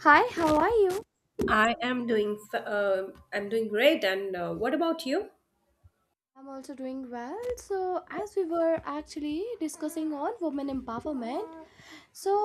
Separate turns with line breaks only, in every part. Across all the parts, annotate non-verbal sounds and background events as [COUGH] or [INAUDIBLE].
Hi, how are you?
I am doing I'm doing great and what about you?
I'm also doing well. So, as we were actually discussing on women empowerment, So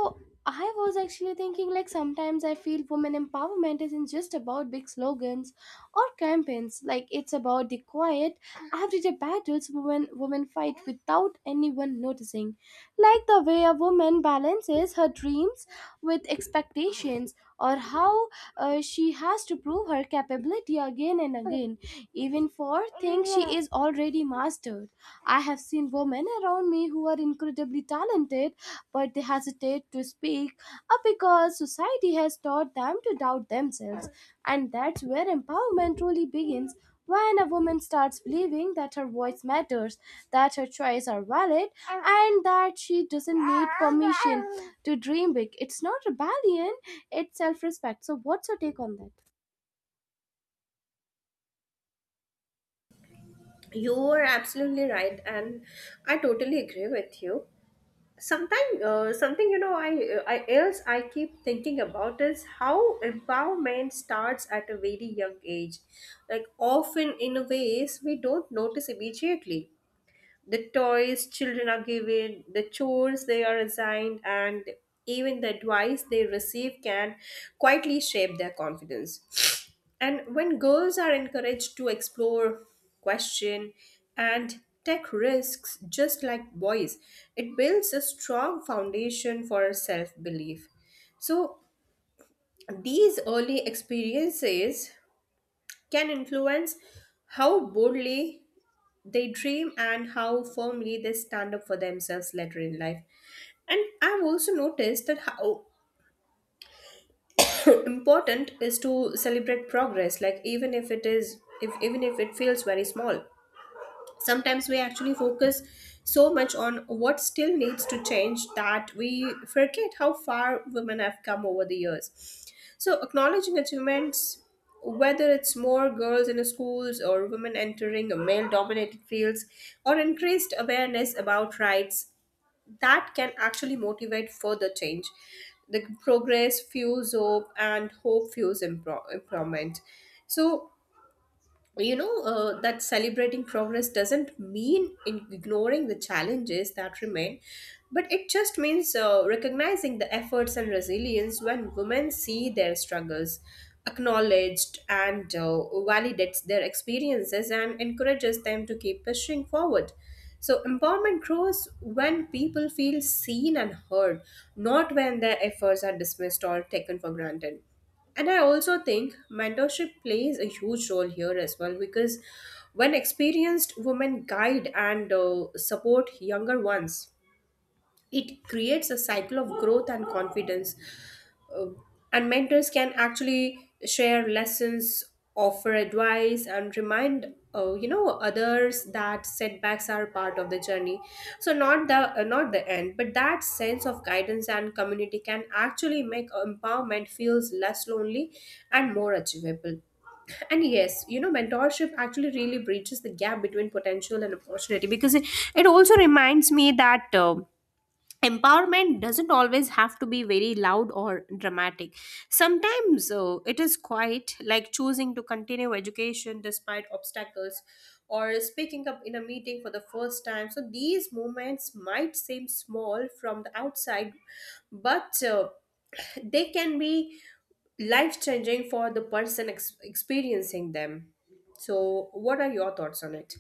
I was actually thinking like sometimes I feel women empowerment isn't just about big slogans or campaigns. Like it's about the quiet everyday battles women fight without anyone noticing. Like the way a woman balances her dreams with expectations, or how she has to prove her capability again and again, even for things she is already mastered. I have seen women around me who are incredibly talented, but they hesitate to speak up because society has taught them to doubt themselves. And that's where empowerment truly begins, when a woman starts believing that her voice matters, that her choices are valid, and that she doesn't need permission to dream big. It's not rebellion, it's self respect. So, what's your take on that?
You are absolutely right, and I totally agree with you. Sometimes something you know I else I keep thinking about is how empowerment starts at a very young age. Like often in a ways we don't notice immediately. The toys children are given, the chores they are assigned, and even the advice they receive can quietly shape their confidence. And when girls are encouraged to explore, question, and take risks just like boys, it builds a strong foundation for self belief. So these early experiences can influence how boldly they dream and how firmly they stand up for themselves later in life. And I've also noticed that how [CLEARS THROAT] important is to celebrate progress, like even if it is if even if it feels very small. Sometimes we actually focus so much on what still needs to change that we forget how far women have come over the years, so acknowledging achievements, whether it's more girls in schools or women entering male dominated fields or increased awareness about rights, that can actually motivate further change. The progress fuels hope, and hope fuels improvement. So that celebrating progress doesn't mean in ignoring the challenges that remain, but it just means recognizing the efforts and resilience. When women see their struggles acknowledged and validates their experiences and encourages them to keep pushing forward, so empowerment grows when people feel seen and heard, not when their efforts are dismissed or taken for granted. And I also think mentorship plays a huge role here as well, because when experienced women guide and support younger ones, it creates a cycle of growth and confidence. uh, and mentors can actually share lessons, offer advice, and remind others that setbacks are part of the journey. So not the not the end, but that sense of guidance and community can actually make empowerment feels less lonely and more achievable. And yes, you know, mentorship actually really breaches the gap between potential and opportunity, because it also reminds me that. Empowerment doesn't always have to be very loud or dramatic. Sometimes it is quite like choosing to continue education despite obstacles or speaking up in a meeting for the first time. So these moments might seem small from the outside, but they can be life changing for the person experiencing them. So what are your thoughts on it?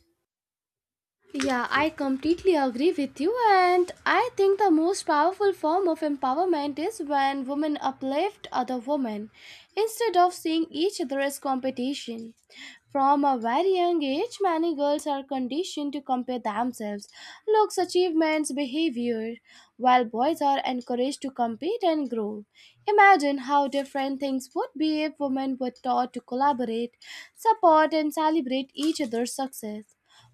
Yeah, I completely agree with you, and I think the most powerful form of empowerment is when women uplift other women instead of seeing each other as competition. From a very young age, many girls are conditioned to compare themselves, looks, achievements, behavior, while boys are encouraged to compete and grow. Imagine how different things would be if women were taught to collaborate, support, and celebrate each other's success.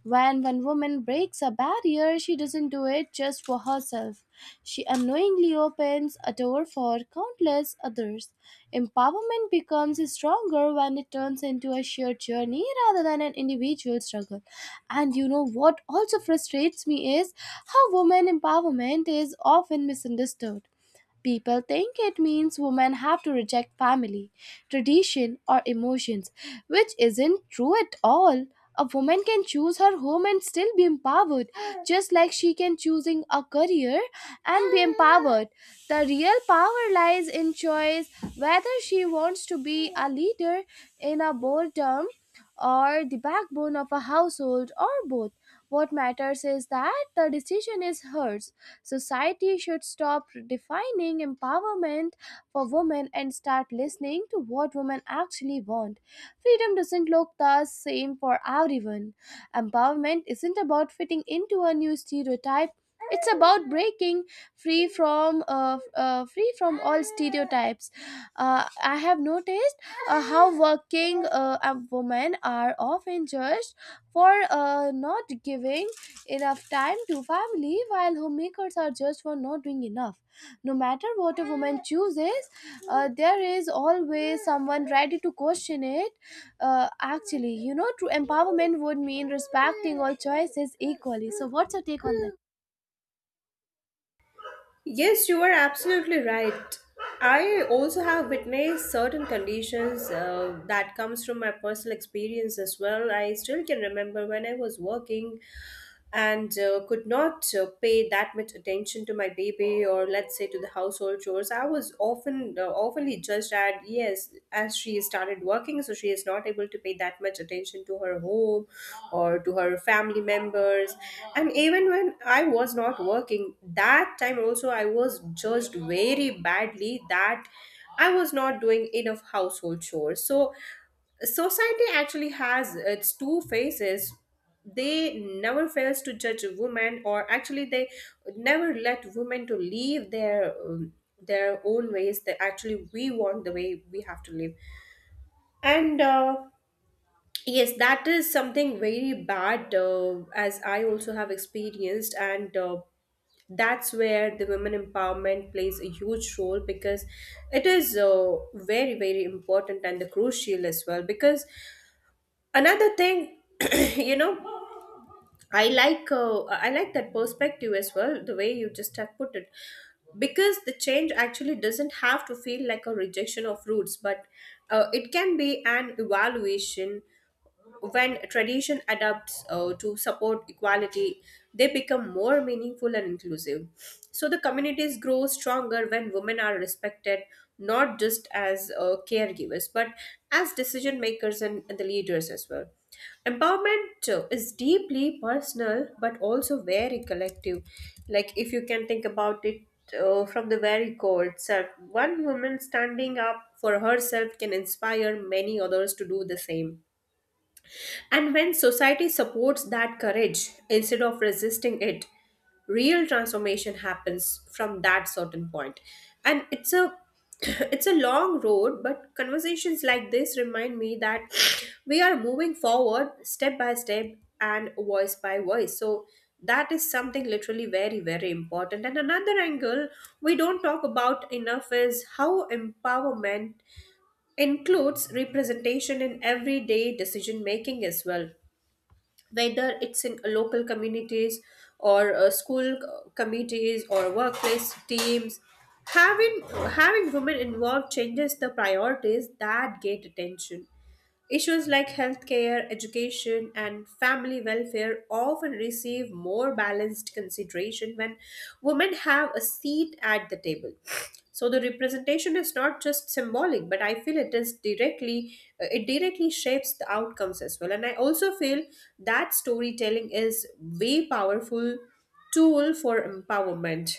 When one woman breaks a barrier, she doesn't do it just for herself. She unknowingly opens a door for countless others. Empowerment becomes stronger when it turns into a shared journey rather than an individual struggle. And you know what also frustrates me is how women empowerment is often misunderstood. People think it means women have to reject family, tradition, or emotions, which isn't true at all. A woman can choose her home and still be empowered, just like she can choosing a career and be empowered. The real power lies in choice, whether she wants to be a leader in a boredom, or the backbone of a household, or both. What matters is that the decision is hers. Society should stop defining empowerment for women and start listening to what women actually want. Freedom doesn't look the same for everyone. Empowerment isn't about fitting into a new stereotype. It's about breaking free from all stereotypes. I have noticed how working women are often judged for not giving enough time to family, while homemakers are judged for not doing enough. No matter what a woman chooses, there is always someone ready to question it. Actually, you know, true empowerment would mean respecting all choices equally. So what's your take on that?
Yes, you are absolutely right. I also have witnessed certain conditions that comes from my personal experience as well. I still can remember when I was working and could not pay that much attention to my baby, or let's say to the household chores. I was often oftenly judged at, yes, as she started working, so she is not able to pay that much attention to her home or to her family members. And even when I was not working, that time also I was judged very badly that I was not doing enough household chores. So society actually has its two faces. They never fails to judge women, or actually they never let women to leave their own ways, that actually we want the way we have to live. And yes, that is something very bad, as I also have experienced. And that's where the women empowerment plays a huge role, because it is very, very important and the crucial as well, because another thing, [CLEARS THROAT] you know, I like that perspective as well, the way you just have put it, because the change actually doesn't have to feel like a rejection of roots, but it can be an evaluation. When tradition adapts to support equality, they become more meaningful and inclusive. So the communities grow stronger when women are respected, not just as caregivers, but as decision makers and the leaders as well. Empowerment is deeply personal, but also very collective. Like, if you can think about it from the very core itself, one woman standing up for herself can inspire many others to do the same. And when society supports that courage instead of resisting it, real transformation happens from that certain point. And it's a [CLEARS THROAT] it's a long road, but conversations like this remind me that [SNIFFS] we are moving forward step by step and voice by voice. So that is something literally very, very important. And another angle we don't talk about enough is how empowerment includes representation in everyday decision making as well, whether it's in local communities or school committees or workplace teams. having Having women involved changes the priorities that get attention. Issues like healthcare, education, and family welfare often receive more balanced consideration when women have a seat at the table. So the representation is not just symbolic, but I feel it directly shapes the outcomes as well. And I also feel that storytelling is way powerful tool for empowerment.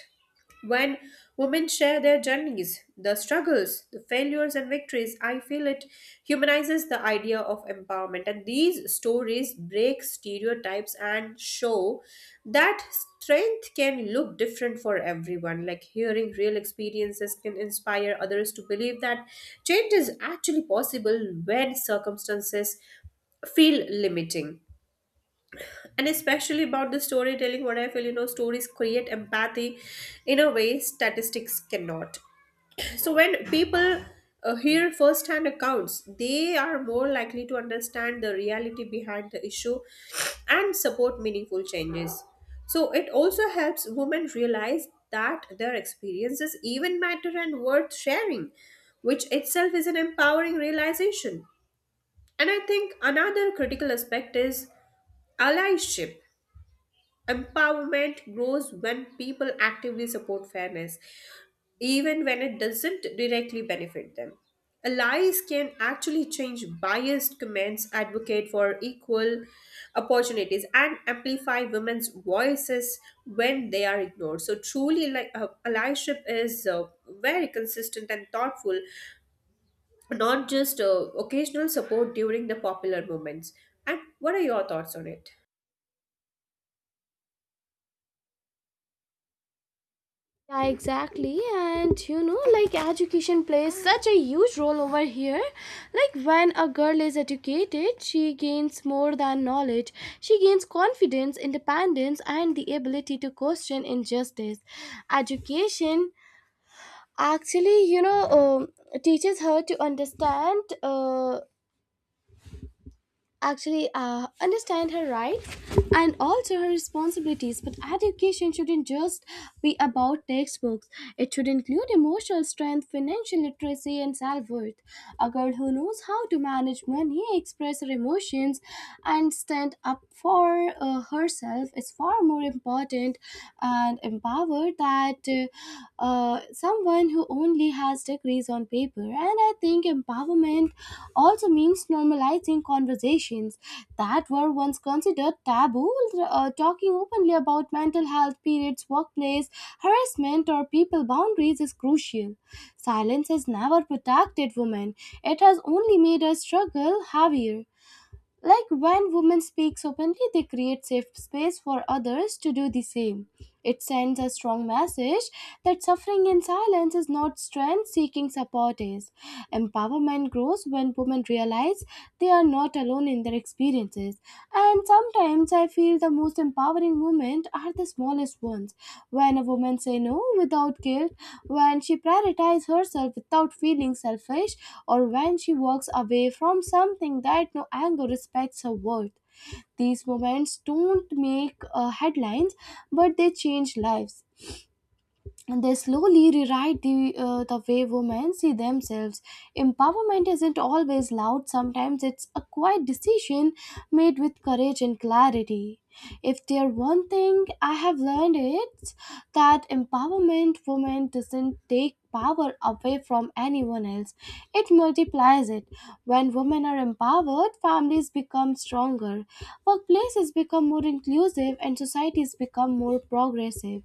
When women share their journeys, the struggles, the failures, and victories, I feel it humanizes the idea of empowerment. And these stories break stereotypes and show that strength can look different for everyone. Like hearing real experiences can inspire others to believe that change is actually possible when circumstances feel limiting. And especially about the storytelling, what I feel, you know, stories create empathy in a way statistics cannot. So when people hear first hand accounts, they are more likely to understand the reality behind the issue and support meaningful changes. So it also helps women realize that their experiences even matter and worth sharing, which itself is an empowering realization. And I think another critical aspect is allyship. Empowerment grows when people actively support fairness, even when it doesn't directly benefit them. Allies can actually change biased comments, advocate for equal opportunities, and amplify women's voices when they are ignored. So, truly, like allyship is very consistent and thoughtful, not just occasional support during the popular moments. And what are your thoughts on it?
Yeah, exactly. And you know, like education plays such a huge role over here. Like when a girl is educated, she gains more than knowledge. She gains confidence, independence, and the ability to question injustice. Education actually, you know, teaches her to understand, actually understand her rights and also her responsibilities. But education shouldn't just be about textbooks, it should include emotional strength, financial literacy, and self-worth. A girl who knows how to manage money, express her emotions, and stand up for herself is far more important and empowered than someone who only has degrees on paper. And I think empowerment also means normalizing conversations that were once considered taboo. Talking openly about mental health, periods, workplace, harassment, or people boundaries is crucial. Silence has never protected women, it has only made us struggle heavier. Like when women speaks openly, they create safe space for others to do the same. It sends a strong message that suffering in silence is not strength, seeking support is. Empowerment grows when women realize they are not alone in their experiences. And sometimes I feel the most empowering moments are the smallest ones. When a woman say no without guilt, when she prioritizes herself without feeling selfish, or when she walks away from something that no anger respects her worth. These moments don't make headlines, but they change lives, and they slowly rewrite the way women see themselves. Empowerment isn't always loud, sometimes it's a quiet decision made with courage and clarity. If there one thing I have learned, it's that empowerment women doesn't take power away from anyone else. It multiplies it. When women are empowered, families become stronger, workplaces become more inclusive, and societies become more progressive.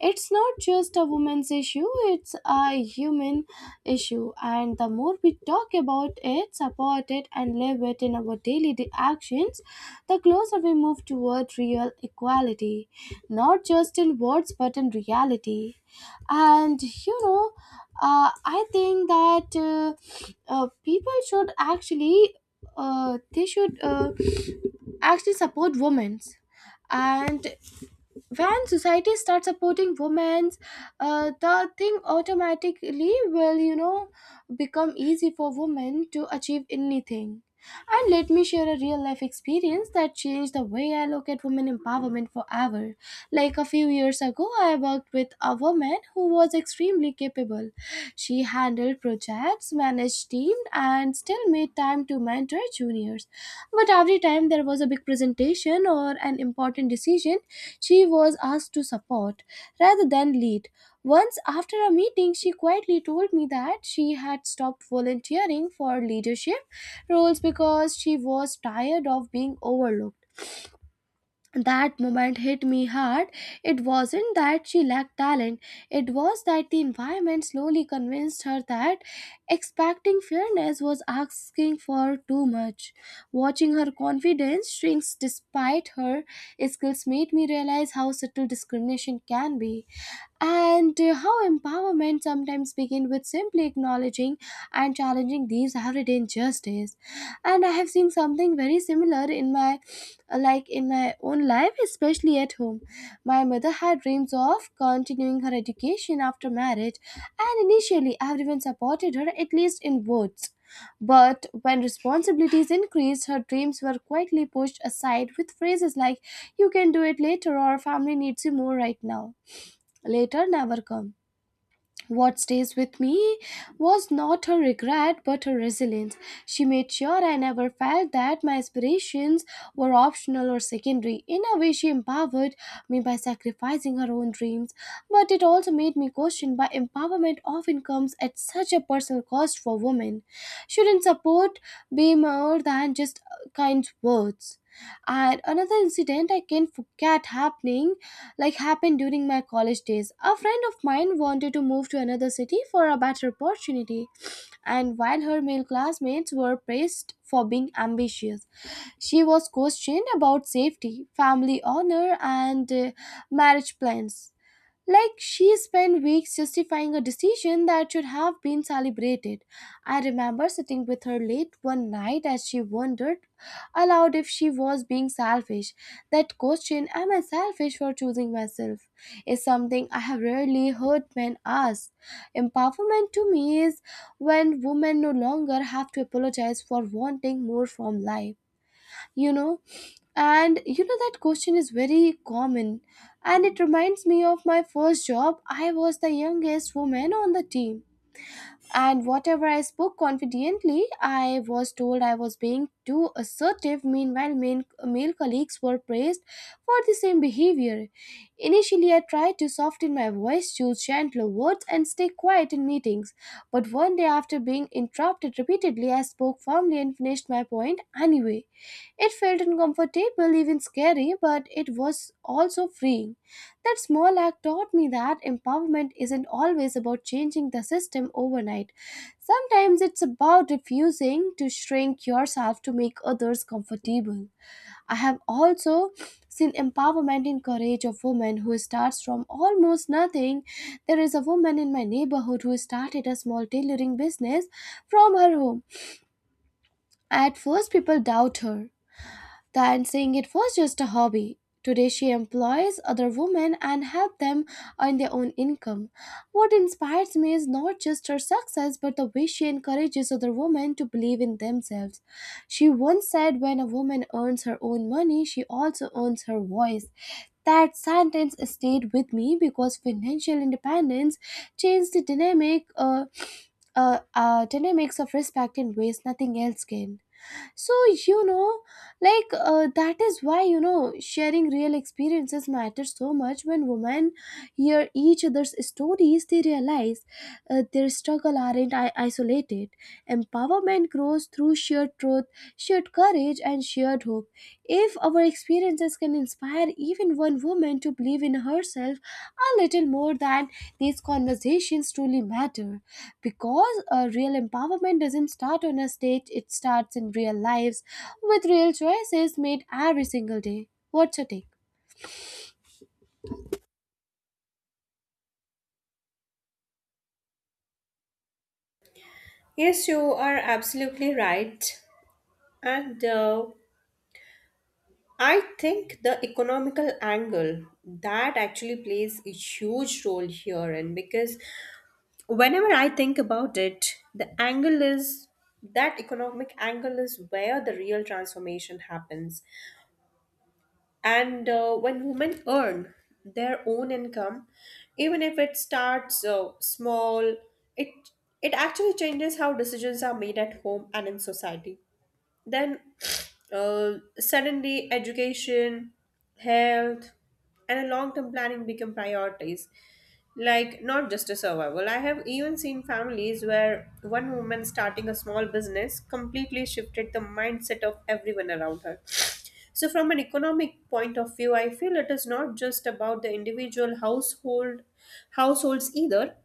It's not just a woman's issue, it's a human issue. And the more we talk about it, support it, and live it in our daily di- actions, the closer we move toward real equality, not just in words but in reality. And you know, I think that people should actually, they should, actually support women's. And when society starts supporting women, the thing automatically will, you know, become easy for women to achieve anything. And let me share a real life experience that changed the way I look at women empowerment forever. Like a few years ago, I worked with a woman who was extremely capable. She handled projects, managed teams, and still made time to mentor juniors. But every time there was a big presentation or an important decision, she was asked to support rather than lead. Once after a meeting, she quietly told me that she had stopped volunteering for leadership roles because she was tired of being overlooked. That moment hit me hard. It wasn't that she lacked talent, it was that the environment slowly convinced her that expecting fairness was asking for too much. Watching her confidence shrinks despite her skills made me realize how subtle discrimination can be, and how empowerment sometimes begins with simply acknowledging and challenging these everyday injustices. And I have seen something very similar in my, like, in my own life, especially at home. My mother had dreams of continuing her education after marriage, and initially everyone supported her, at least in words. But when responsibilities increased, her dreams were quietly pushed aside with phrases like, "You can do it later," or "family needs you more right now." Later never come. What stays with me was not her regret but her resilience. She made sure I never felt that my aspirations were optional or secondary. In a way, she empowered me by sacrificing her own dreams, but it also made me question why empowerment often comes at such a personal cost for women. Shouldn't support be more than just kind words? And another incident I can't forget happening, like, happened during my college days. A friend of mine wanted to move to another city for a better opportunity, and while her male classmates were praised for being ambitious, she was questioned about safety, family honor, and marriage plans. Like she spent weeks justifying a decision that should have been celebrated. I remember sitting with her late one night as she wondered aloud if she was being selfish. That question, "am I selfish for choosing myself," is something I have rarely heard men ask. Empowerment to me is when women no longer have to apologize for wanting more from life, you know. And you know that question is very common, and it reminds me of my first job. I was the youngest woman on the team, and whatever I spoke confidently, I was told I was being too assertive. Meanwhile, male colleagues were praised for the same behavior. Initially, I tried to soften my voice, choose gentler words, and stay quiet in meetings. But one day, after being interrupted repeatedly, I spoke firmly and finished my point anyway. It felt uncomfortable, even scary, but it was also freeing. That small act taught me that empowerment isn't always about changing the system overnight. Sometimes it's about refusing to shrink yourself to make others comfortable. I have also seen empowerment in courage of women who starts from almost nothing. There is a woman in my neighborhood who started a small tailoring business from her home. At first people doubt her, than saying it was just a hobby. Today, she employs other women and helps them earn their own income. What inspires me is not just her success, but the way she encourages other women to believe in themselves. She once said, "When a woman earns her own money, she also earns her voice." That sentence stayed with me because financial independence changed the dynamic. Dynamics of respect in ways nothing else can. So, you know, like, that is why, you know, sharing real experiences matters so much. When women hear each other's stories, they realize their struggle aren't isolated. Empowerment grows through shared truth, shared courage, and shared hope. If our experiences can inspire even one woman to believe in herself a little more, then these conversations truly matter. Because real empowerment doesn't start on a stage, it starts in real lives with real choices made every single day. What's your take?
Yes, you are absolutely right. And I think the economical angle that actually plays a huge role here. And because whenever I think about it, the angle is that economic angle is where the real transformation happens. And when women earn their own income, even if it starts small, it it actually changes how decisions are made at home and in society. Then suddenly, education, health, and a long term planning become priorities. Like, not just a survival. I have even seen families where one woman starting a small business completely shifted the mindset of everyone around her. So, from an economic point of view, I feel it is not just about the individual households either.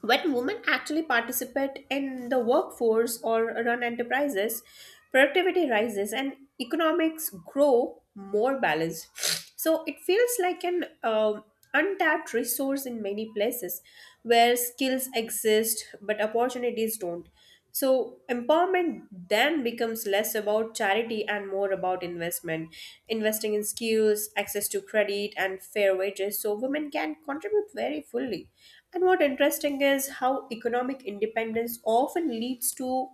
When women actually participate in the workforce or run enterprises, productivity rises and economics grow more balanced. So it feels like an untapped resource in many places where skills exist but opportunities don't. So empowerment then becomes less about charity and more about investment, investing in skills, access to credit, and fair wages so women can contribute very fully. And what interesting is how economic independence often leads to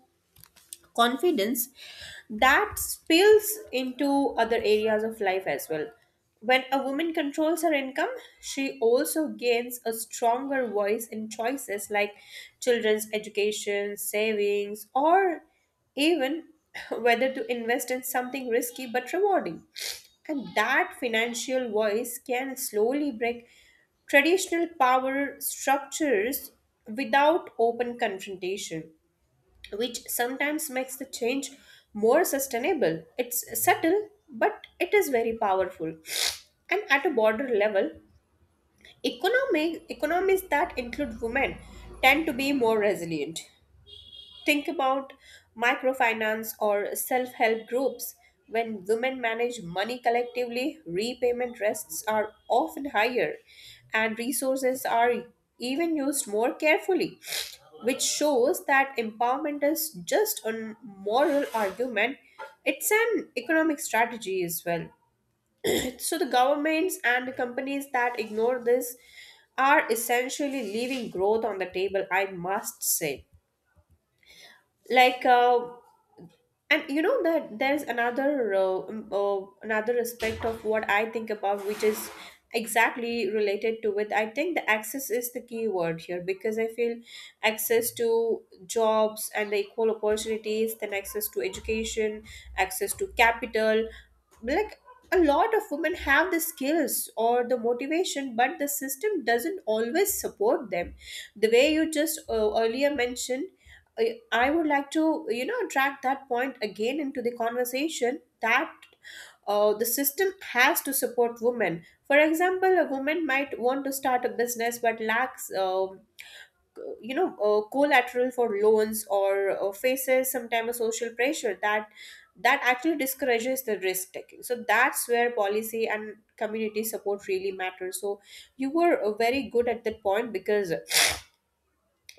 confidence that spills into other areas of life as well. When a woman controls her income, she also gains a stronger voice in choices like children's education, savings, or even [LAUGHS] whether to invest in something risky but rewarding. And that financial voice can slowly break traditional power structures without open confrontation, which sometimes makes the change more sustainable. It's subtle, but it is very powerful. And at a border level, economic economies that include women tend to be more resilient. Think about microfinance or self help groups. When women manage money collectively, repayment risks are often higher and resources are even used more carefully, which shows that empowerment is just a moral argument. It's an economic strategy as well. [CLEARS THROAT] So the governments and the companies that ignore this are essentially leaving growth on the table, I must say. like uh, and you know that there's another aspect of what I think about, which is exactly related to it. I think the access is the key word here, because I feel access to jobs and the equal opportunities, then access to education, access to capital. Like a lot of women have the skills or the motivation, but the system doesn't always support them, the way you just earlier mentioned. uh, I would like to, you know, drag that point again into the conversation, that the system has to support women. For example, a woman might want to start a business but lacks, collateral for loans, or faces sometimes a social pressure that actually discourages the risk taking. So that's where policy and community support really matters. So you were very good at that point because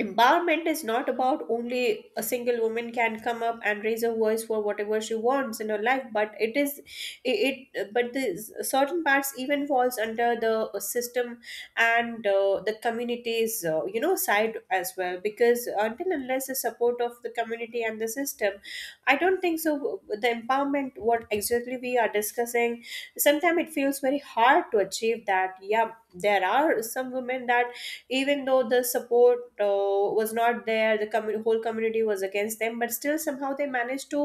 empowerment is not about only a single woman can come up and raise her voice for whatever she wants in her life, but it is it, it but the certain parts even falls under the system, and the community's side as well, because until unless the support of the community and the system, I don't think so the empowerment what exactly we are discussing sometimes it feels very hard to achieve that. Yeah, there are some women that, even though the support was not there, the whole community was against them, but still somehow they managed to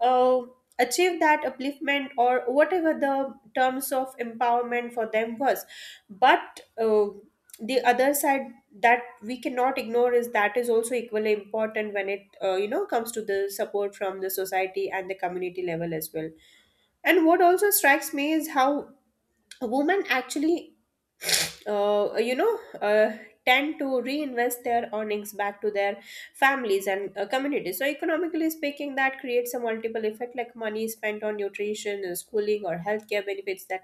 uh, achieve that upliftment, or whatever the terms of empowerment for them was. But the other side that we cannot ignore is that is also equally important when it comes to the support from the society and the community level as well. And what also strikes me is how women actually uh, you know, uh, tend to reinvest their earnings back to their families and communities. So, economically speaking, that creates a multiple effect, like money spent on nutrition, schooling, or healthcare benefits that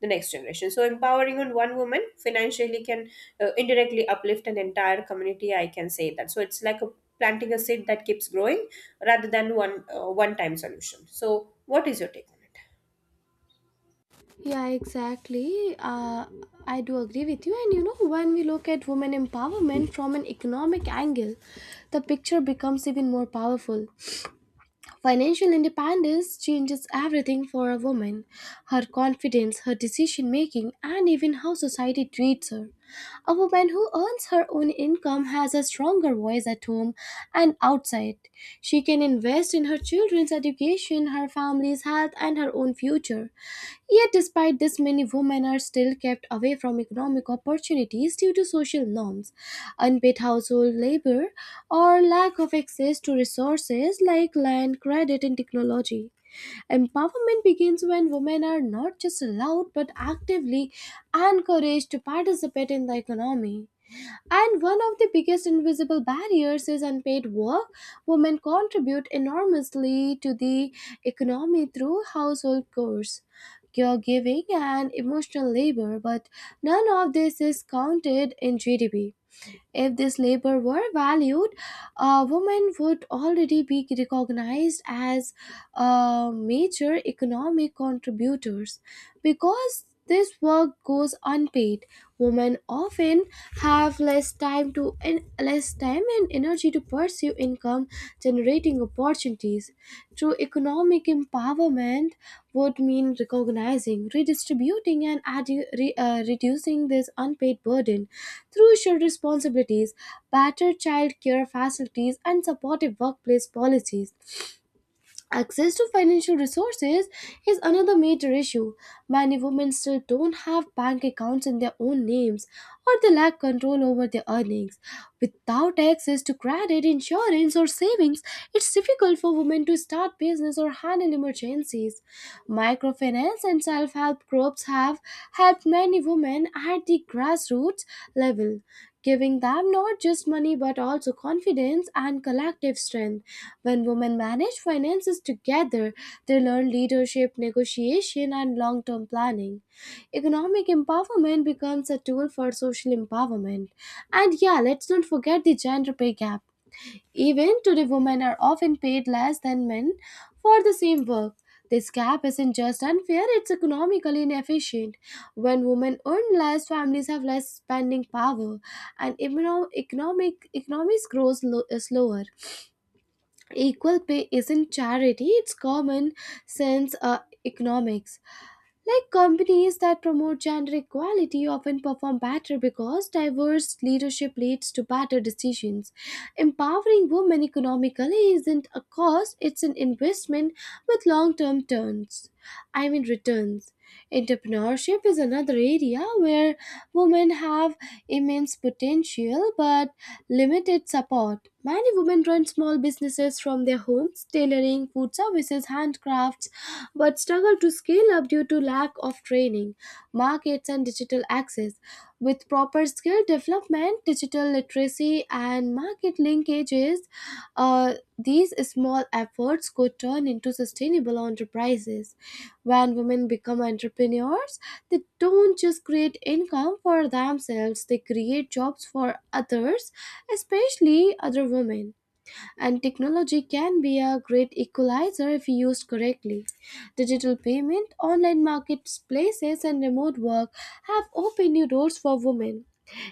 the next generation. So, empowering on one woman financially can indirectly uplift an entire community, I can say that. So, it's like a planting a seed that keeps growing rather than one time solution. So, what is your take?
Yeah, exactly. I do agree with you. And you know, when we look at women empowerment from an economic angle, the picture becomes even more powerful. Financial independence changes everything for a woman, her confidence, her decision making, and even how society treats her. A woman who earns her own income has a stronger voice at home and outside. She can invest in her children's education, her family's health, and her own future. Yet, despite this, many women are still kept away from economic opportunities due to social norms, unpaid household labor, or lack of access to resources like land, credit, and technology. Empowerment begins when women are not just allowed but actively encouraged to participate in the economy. And one of the biggest invisible barriers is unpaid work. Women contribute enormously to the economy through household chores, caregiving, and emotional labor, but none of this is counted in GDP. If this labor were valued, women would already be recognized as major economic contributors. Because this work goes unpaid, women often have less time and energy to pursue income generating opportunities. True economic empowerment would mean recognizing, redistributing, and reducing this unpaid burden through shared responsibilities, better child care facilities, and supportive workplace policies. Access to financial resources is another major issue. Many women still don't have bank accounts in their own names or they lack control over their earnings. Without access to credit, insurance, or savings, it's difficult for women to start business or handle emergencies. Microfinance and self help groups have helped many women at the grassroots level, giving them not just money but also confidence and collective strength. When women manage finances together, they learn leadership, negotiation, and long term planning. Economic empowerment becomes a tool for social empowerment. And yeah, let's not forget the gender pay gap. Even today, women are often paid less than men for the same work. This gap isn't just unfair, it's economically inefficient. When women earn less, families have less spending power, and econo- economic economies grows slower. Equal pay isn't charity, it's common sense economics. Like, companies that promote gender equality often perform better because diverse leadership leads to better decisions. Empowering women economically isn't a cost, it's an investment with long-term turns. I mean returns. Entrepreneurship is another area where women have immense potential but limited support. Many women run small businesses from their homes, tailoring, food services, handcrafts, but struggle to scale up due to lack of training, markets, and digital access. With proper skill development, digital literacy, and market linkages, these small efforts could turn into sustainable enterprises. When women become entrepreneurs, they don't just create income for themselves, they create jobs for others, especially other women. And technology can be a great equalizer if used correctly. Digital payment, online marketplaces, and remote work have opened new doors for women,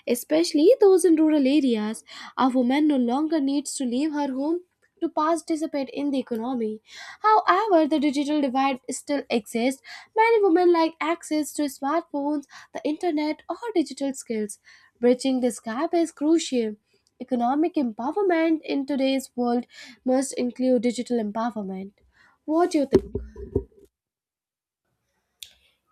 especially those in rural areas. A woman no longer needs to leave her home to participate in the economy. However, the digital divide still exists. Many women lack access to smartphones, the internet, or digital skills. Bridging this gap is crucial. Economic empowerment in today's world must include digital empowerment. What do you think?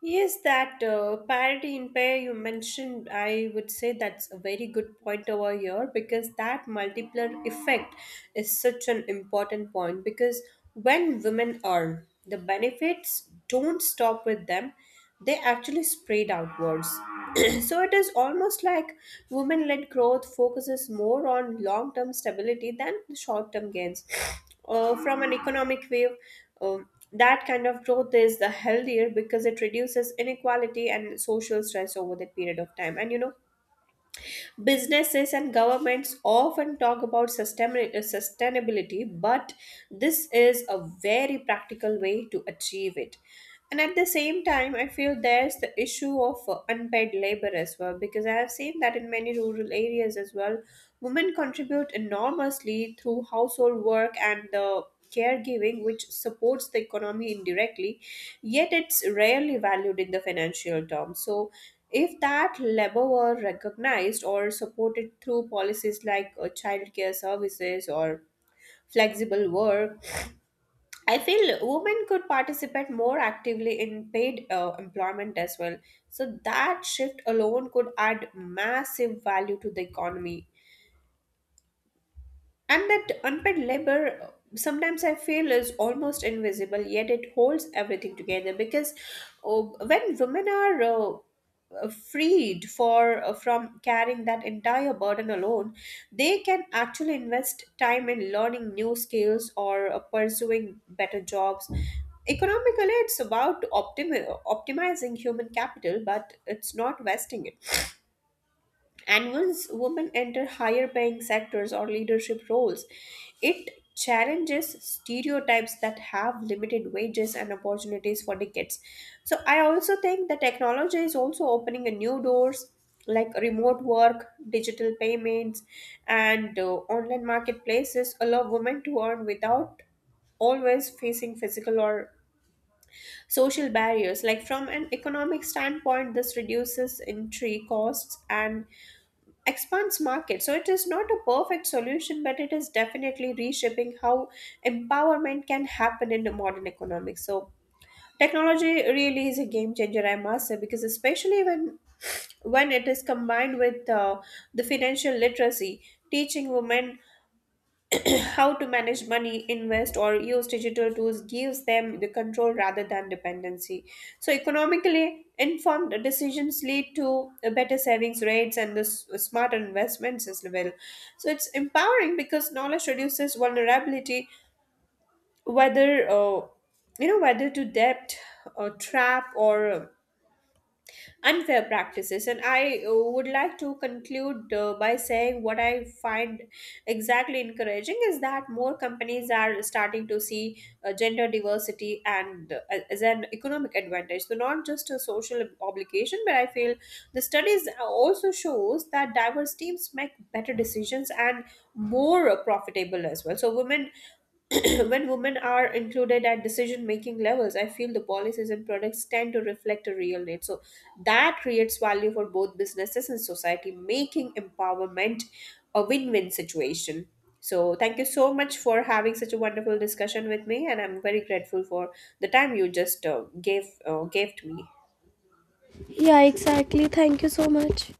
Yes, that parity in pay you mentioned, I would say that's a very good point over here because that multiplier effect is such an important point, because when women earn, the benefits don't stop with them, they actually spread outwards. [CLEARS THROAT] So it is almost like women led growth focuses more on long term stability than the short term gains. From an economic view, that kind of growth is the healthier because it reduces inequality and social stress over the period of time. And businesses and governments often talk about sustainability, but this is a very practical way to achieve it. And at the same time, I feel there's the issue of unpaid labor as well, because I have seen that in many rural areas as well, women contribute enormously through household work and the caregiving, which supports the economy indirectly, yet it's rarely valued in the financial terms. So, if that labor were recognized or supported through policies like childcare services or flexible work, I feel women could participate more actively in paid employment as well. So, that shift alone could add massive value to the economy. And that unpaid labor sometimes I feel is almost invisible, yet it holds everything together because, uh, when women are freed for from carrying that entire burden alone, they can actually invest time in learning new skills or pursuing better jobs. Economically, it's about optimizing human capital, but it's not wasting it. And once women enter higher paying sectors or leadership roles, it challenges stereotypes that have limited wages and opportunities for decades. So I also think the technology is also opening a new doors, like remote work, digital payments, and online marketplaces allow women to earn without always facing physical or social barriers. Like from an economic standpoint, this reduces entry costs and expands market. So it is not a perfect solution, but it is definitely reshaping how empowerment can happen in the modern economics. So technology really is a game changer, I must say, because especially when it is combined with the financial literacy, teaching women [CLEARS THROAT] how to manage money, invest, or use digital tools gives them the control rather than dependency. So, economically informed decisions lead to a better savings rates and the smarter investments as well. So, it's empowering because knowledge reduces vulnerability, whether, whether to debt, or trap, or unfair practices. And I would like to conclude by saying what I find exactly encouraging is that more companies are starting to see gender diversity and as an economic advantage. So not just a social obligation, but I feel the studies also shows that diverse teams make better decisions and more profitable as well. So women, [CLEARS THROAT] when women are included at decision making levels, I feel the policies and products tend to reflect a real need. So that creates value for both businesses and society, making empowerment a win win situation. So thank you so much for having such a wonderful discussion with me, and I'm very grateful for the time you just gave to me.
Yeah, exactly. Thank you so much.